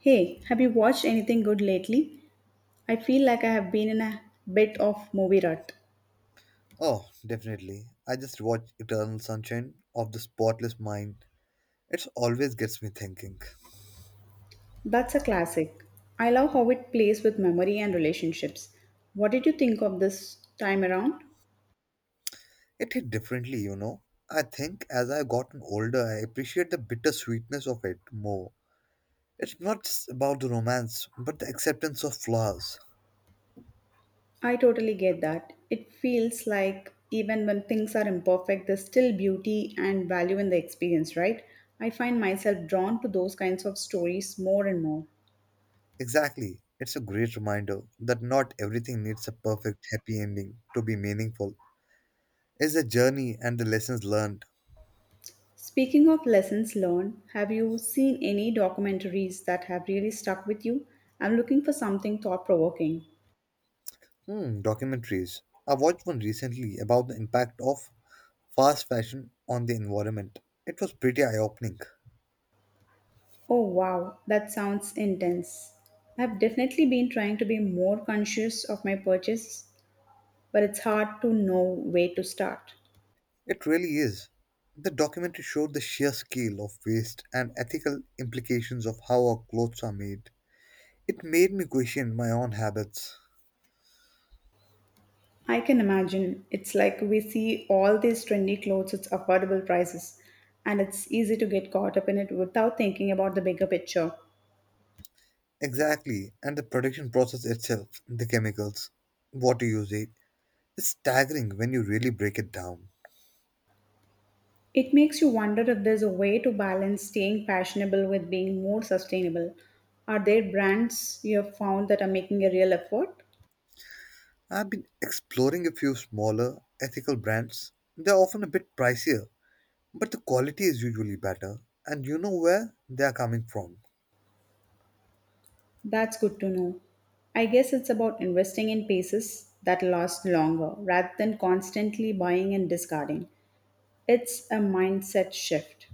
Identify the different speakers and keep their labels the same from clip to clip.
Speaker 1: Hey, have you watched anything good lately? I feel like I have been in a bit of movie rut.
Speaker 2: Oh, definitely. I just watched Eternal Sunshine of the Spotless Mind. It always gets me thinking.
Speaker 1: That's a classic. I love how it plays with memory and relationships. What did you think of this time around?
Speaker 2: It hit differently, you know. I think as I've gotten older, I appreciate the bitter sweetness of it more. It's not just about the romance, but the acceptance of flaws.
Speaker 1: I totally get that. It feels like even when things are imperfect, there's still beauty and value in the experience, right? I find myself drawn to those kinds of stories more and more.
Speaker 2: Exactly. It's a great reminder that not everything needs a perfect, happy ending to be meaningful. It's a journey and the lessons learned.
Speaker 1: Speaking of lessons learned, have you seen any documentaries that have really stuck with you? I'm looking for something thought provoking.
Speaker 2: Documentaries. I watched one recently about the impact of fast fashion on the environment. It was pretty eye opening.
Speaker 1: Oh wow, that sounds intense. I've definitely been trying to be more conscious of my purchase, but it's hard to know where to start.
Speaker 2: It really is. The documentary showed the sheer scale of waste and ethical implications of how our clothes are made. It made me question my own habits.
Speaker 1: I can imagine. It's like we see all these trendy clothes at affordable prices, and it's easy to get caught up in it without thinking about the bigger picture.
Speaker 2: Exactly, and the production process itself, the chemicals, water usage, is staggering when you really break it down.
Speaker 1: It makes you wonder if there's a way to balance staying fashionable with being more sustainable. Are there brands you have found that are making a real effort?
Speaker 2: I've been exploring a few smaller ethical brands. They're often a bit pricier, but the quality is usually better, and you know where they are coming from.
Speaker 1: That's good to know. I guess it's about investing in pieces that last longer rather than constantly buying and discarding. It's a mindset shift.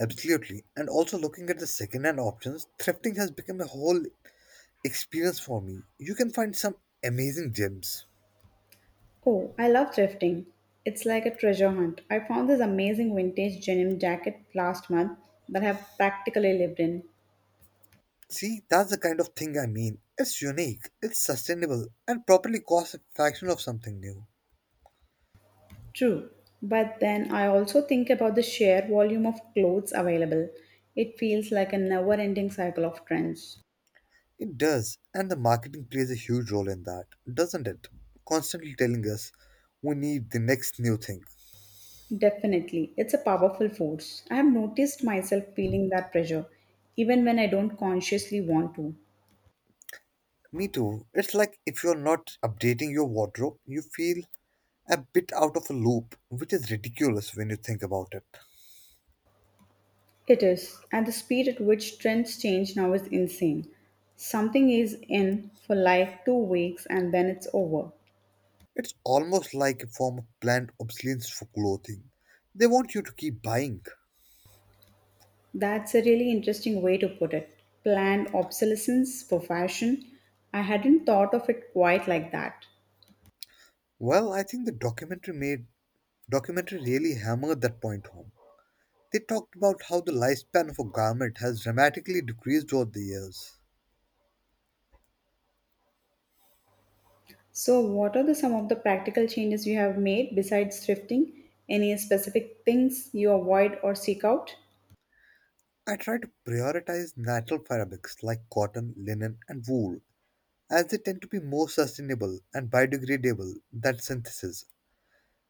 Speaker 2: Absolutely. And also looking at the second-hand options, thrifting has become a whole experience for me. You can find some amazing gems.
Speaker 1: Oh, I love thrifting. It's like a treasure hunt. I found this amazing vintage denim jacket last month that I have practically lived in.
Speaker 2: See, that's the kind of thing I mean. It's unique, it's sustainable, and properly costs a fraction of something new.
Speaker 1: True, but then I also think about the sheer volume of clothes available. It feels like a never ending cycle of trends.
Speaker 2: It does, and the marketing plays a huge role in that, doesn't it? Constantly telling us we need the next new thing.
Speaker 1: Definitely, it's a powerful force. I have noticed myself feeling that pressure, even when I don't consciously want to.
Speaker 2: Me too. It's like if you're not updating your wardrobe, you feel a bit out of a loop, which is ridiculous when you think about it.
Speaker 1: It is, and the speed at which trends change now is insane. Something is in for like 2 weeks and then it's over.
Speaker 2: It's almost like a form of planned obsolescence for clothing. They want you to keep buying.
Speaker 1: That's a really interesting way to put it. Planned obsolescence for fashion. I hadn't thought of it quite like that.
Speaker 2: Well, I think the documentary made documentary really hammered that point home. They talked about how the lifespan of a garment has dramatically decreased over the years.
Speaker 1: So, what are the some of the practical changes you have made besides thrifting? Any specific things you avoid or seek out?
Speaker 2: I try to prioritize natural fabrics like cotton, linen, and wool, as they tend to be more sustainable and biodegradable than synthesis.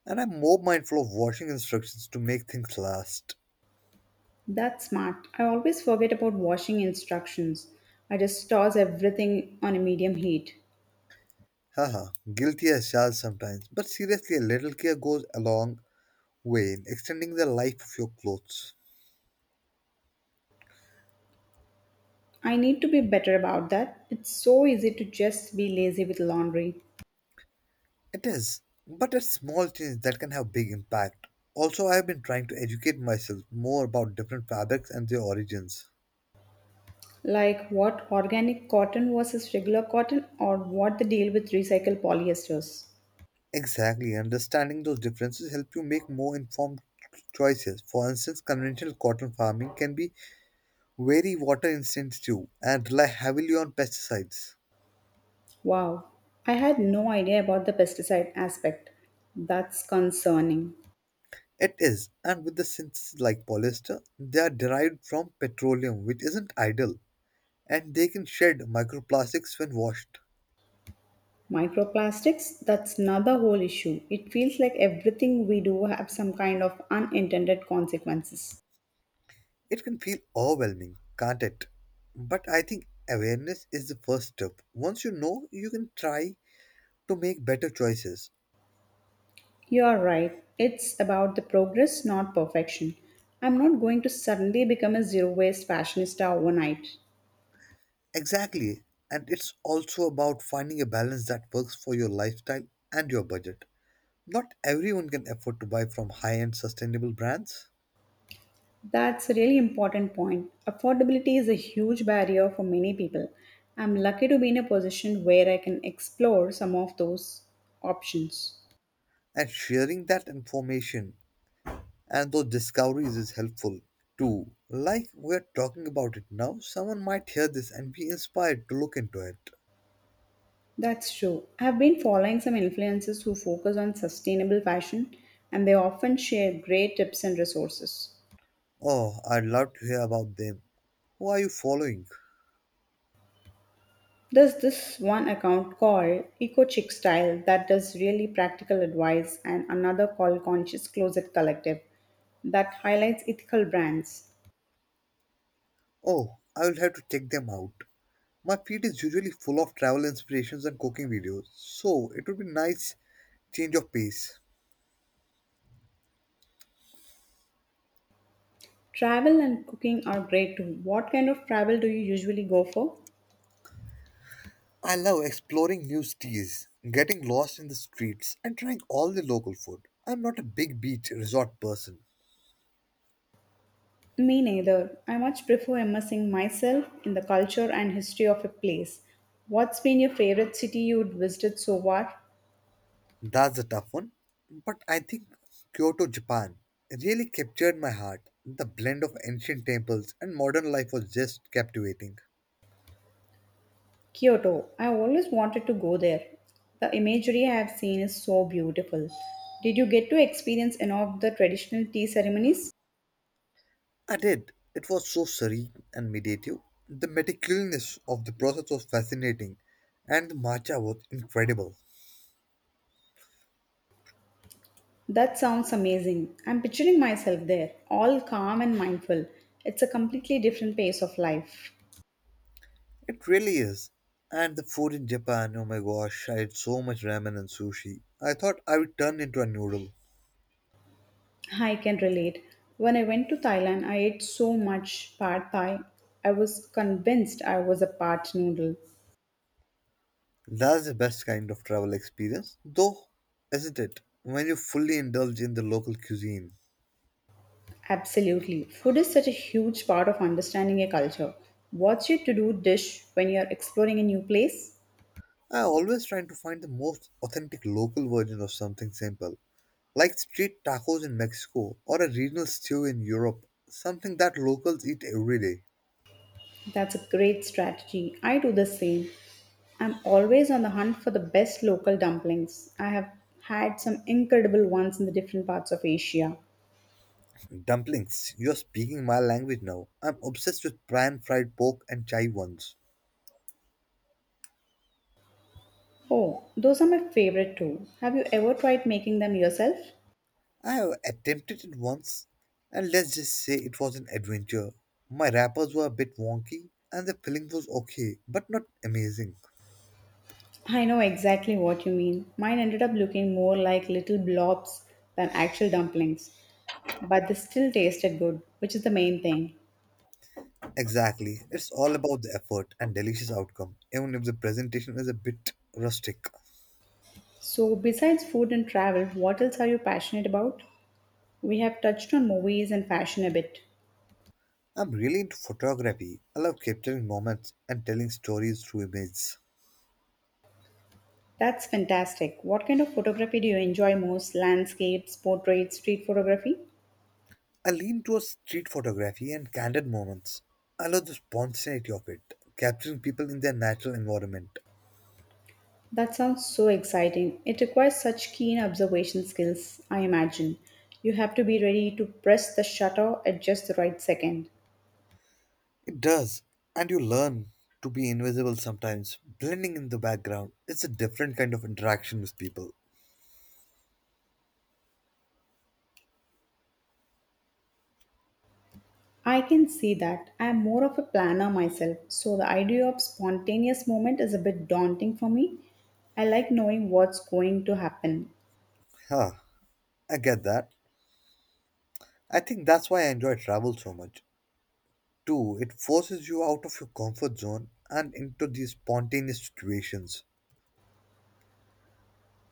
Speaker 2: And I'm more mindful of watching instructions to make things last.
Speaker 1: That's smart. I always forget about washing instructions. I just toss everything on a medium heat.
Speaker 2: Haha, guilty as charged sometimes, but seriously, a little care goes a long way in extending the life of your clothes.
Speaker 1: I need to be better about that. It's so easy to just be lazy with laundry.
Speaker 2: It is, but a small change that can have big impact. Also, I have been trying to educate myself more about different fabrics and their origins.
Speaker 1: Like what organic cotton versus regular cotton, or what the deal with recycled polyesters?
Speaker 2: Exactly, understanding those differences help you make more informed choices. For instance, conventional cotton farming can be very water intensive and rely heavily on pesticides.
Speaker 1: Wow, I had no idea about the pesticide aspect. That's concerning.
Speaker 2: It is, and with the synths like polyester, they are derived from petroleum, which isn't ideal, and they can shed microplastics when washed.
Speaker 1: Microplastics, that's another whole issue. It feels like everything we do have some kind of unintended consequences.
Speaker 2: It can feel overwhelming, can't it? But I think awareness is the first step. Once you know, you can try to make better choices.
Speaker 1: You are right. It's about the progress, not perfection. I'm not going to suddenly become a zero waste fashionista overnight.
Speaker 2: Exactly, and it's also about finding a balance that works for your lifestyle and your budget. Not everyone can afford to buy from high end sustainable brands,
Speaker 1: That's a really important point. Affordability is a huge barrier for many people. I'm lucky to be in a position where I can explore some of those options.
Speaker 2: and sharing that information and those discoveries is helpful too. Like we're talking about it now, someone might hear this and be inspired to look into it.
Speaker 1: That's true. I've been following some influencers who focus on sustainable fashion and they often share great tips and resources.
Speaker 2: Oh, I'd love to hear about them. Who are you following?
Speaker 1: There's this one account called Eco Chic Style that does really practical advice, and another called Conscious Closet Collective that highlights ethical brands.
Speaker 2: Oh, I will have to check them out. My feed is usually full of travel inspirations and cooking videos, so it would be nice change of pace.
Speaker 1: Travel and cooking are great too. What kind of travel do you usually go for?
Speaker 2: I love exploring new cities, getting lost in the streets, and trying all the local food. I'm not a big beach resort person.
Speaker 1: Me neither. I much prefer immersing myself in the culture and history of a place. What's been your favorite city you'd visited so far?
Speaker 2: That's a tough one. But I think Kyoto, Japan really captured my heart. The blend of ancient temples and modern life was just captivating.
Speaker 1: Kyoto. I always wanted to go there. The imagery I have seen is so beautiful. Did you get to experience any of the traditional tea ceremonies?
Speaker 2: I did. It was so serene and meditative. The meticulousness of the process was fascinating, and the matcha was incredible.
Speaker 1: That sounds amazing. I'm picturing myself there, all calm and mindful. It's a completely different pace of life.
Speaker 2: It really is. And the food in Japan, oh my gosh, I had so much ramen and sushi. I thought I would turn into a noodle.
Speaker 1: I can relate. When I went to Thailand, I ate so much pad thai. I was convinced I was a part noodle.
Speaker 2: That's the best kind of travel experience, though, isn't it? When you fully indulge in the local cuisine.
Speaker 1: Absolutely. Food is such a huge part of understanding a culture. What's your to do dish when you're exploring a new place?
Speaker 2: I always try to find the most authentic local version of something simple, like street tacos in Mexico or a regional stew in Europe, something that locals eat every day.
Speaker 1: That's a great strategy. I do the same. I'm always on the hunt for the best local dumplings. I have had some incredible ones in the different parts of Asia.
Speaker 2: Dumplings, you're speaking my language now. I'm obsessed with pan fried pork and chai ones.
Speaker 1: Oh, those are my favorite too. Have you ever tried making them yourself?
Speaker 2: I have attempted it once, and let's just say it was an adventure. My wrappers were a bit wonky, and the filling was okay, but not amazing.
Speaker 1: I know exactly what you mean. Mine ended up looking more like little blobs than actual dumplings, but they still tasted good, which is the main thing.
Speaker 2: Exactly, it's all about the effort and delicious outcome, even if the presentation is a bit rustic.
Speaker 1: So, besides food and travel, what else are you passionate about? We have touched on movies and fashion a bit.
Speaker 2: I'm really into photography. I love capturing moments and telling stories through images.
Speaker 1: That's fantastic. What kind of photography do you enjoy most? Landscapes, portraits, street photography?
Speaker 2: I lean towards street photography and candid moments. I love the spontaneity of it, capturing people in their natural environment.
Speaker 1: That sounds so exciting. It requires such keen observation skills, I imagine. You have to be ready to press the shutter at just the right second.
Speaker 2: It does, and you learn to be invisible sometimes, blending in the background. It's a different kind of interaction with people.
Speaker 1: I can see that. I am more of a planner myself, so the idea of spontaneous movement is a bit daunting for me. I like knowing what's going to happen.
Speaker 2: Huh, I get that. I think that's why I enjoy travel so much. Two, it forces you out of your comfort zone and into these spontaneous situations.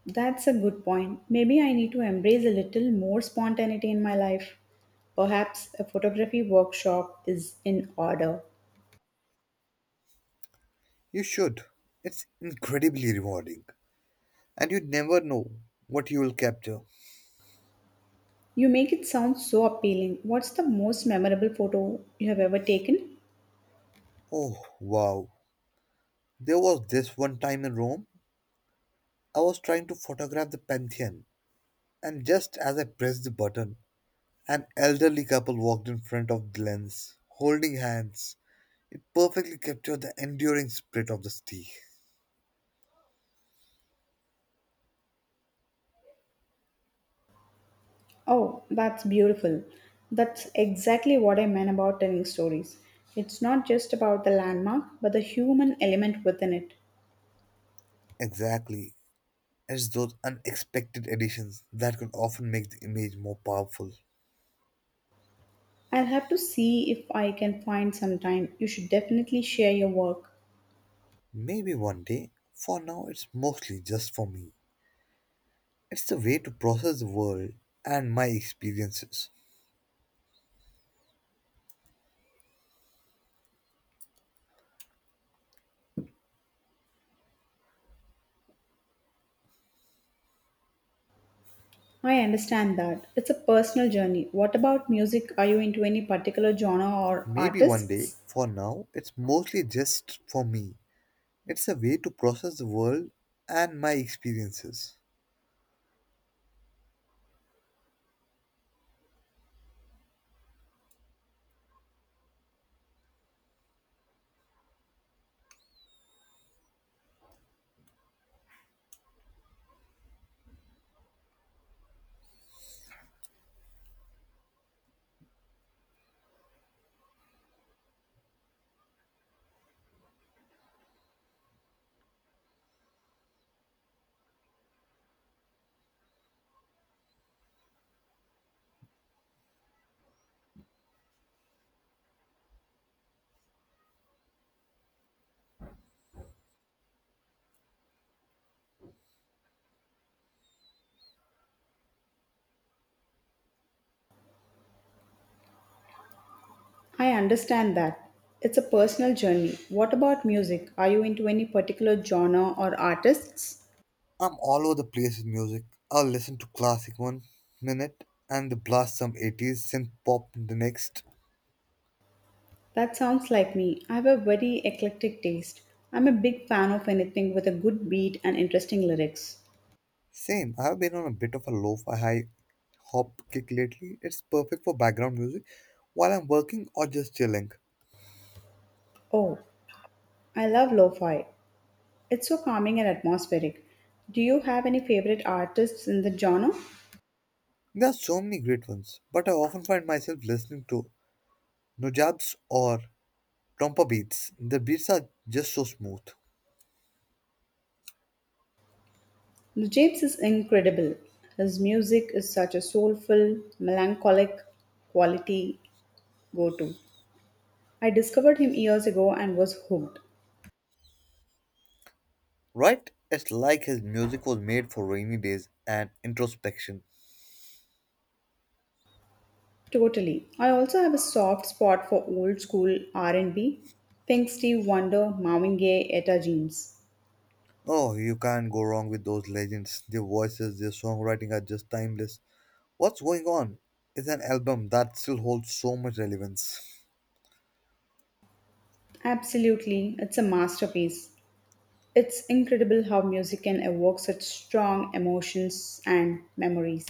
Speaker 1: That's a good point. Maybe I need to embrace a little more spontaneity in my life. Perhaps a photography workshop is in order.
Speaker 2: You should. It's incredibly rewarding. And you never know what you will capture.
Speaker 1: You make it sound so appealing. What's the most memorable photo you have ever taken?
Speaker 2: Oh, wow. There was this one time in Rome, I was trying to photograph the Pantheon, and just as I pressed the button, an elderly couple walked in front of the lens, holding hands. It perfectly captured the enduring spirit of the city.
Speaker 1: Oh, that's beautiful. That's exactly what I meant about telling stories. It's not just about the landmark, but the human element within it.
Speaker 2: Exactly. It's those unexpected additions that can often make the image more powerful.
Speaker 1: I'll have to see if I can find some time. You should definitely share your work.
Speaker 2: Maybe one day. For now, it's mostly just for me. It's the way to process the world and my experiences.
Speaker 1: I understand that. It's a personal journey. What about music? Are you into any particular genre or
Speaker 2: Maybe one day.
Speaker 1: artists?
Speaker 2: For now, it's mostly just for me. It's a way to process the world and my experiences.
Speaker 1: I understand that. It's a personal journey. What about music? Are you into any particular genre or artists?
Speaker 2: I'm all over the place with music. I'll listen to classic one minute and the blast some 80s synth pop the next.
Speaker 1: That sounds like me. I have a very eclectic taste. I'm a big fan of anything with a good beat and interesting lyrics.
Speaker 2: Same, I've been on a bit of a lo-fi high hop kick lately. It's perfect for background music while I'm working or just chilling.
Speaker 1: Oh, I love lo-fi. It's so calming and atmospheric. Do you have any favorite artists in the genre?
Speaker 2: There are so many great ones, but I often find myself listening to Nojabs or Trompa beats. The beats are just so smooth,
Speaker 1: The James is incredible. His music is such a soulful, melancholic quality go to. I discovered him years ago and was hooked.
Speaker 2: right? It's like his music was made for rainy days and introspection.
Speaker 1: Totally. I also have a soft spot for old school R&B, Think Steve Wonder, Marvin Gaye, Etta James.
Speaker 2: Oh, you can't go wrong with those legends. Their voices, their songwriting are just timeless. What's Going On is an album that still holds so much relevance.
Speaker 1: Absolutely, it's a masterpiece. It's incredible how music can evoke such strong emotions and memories.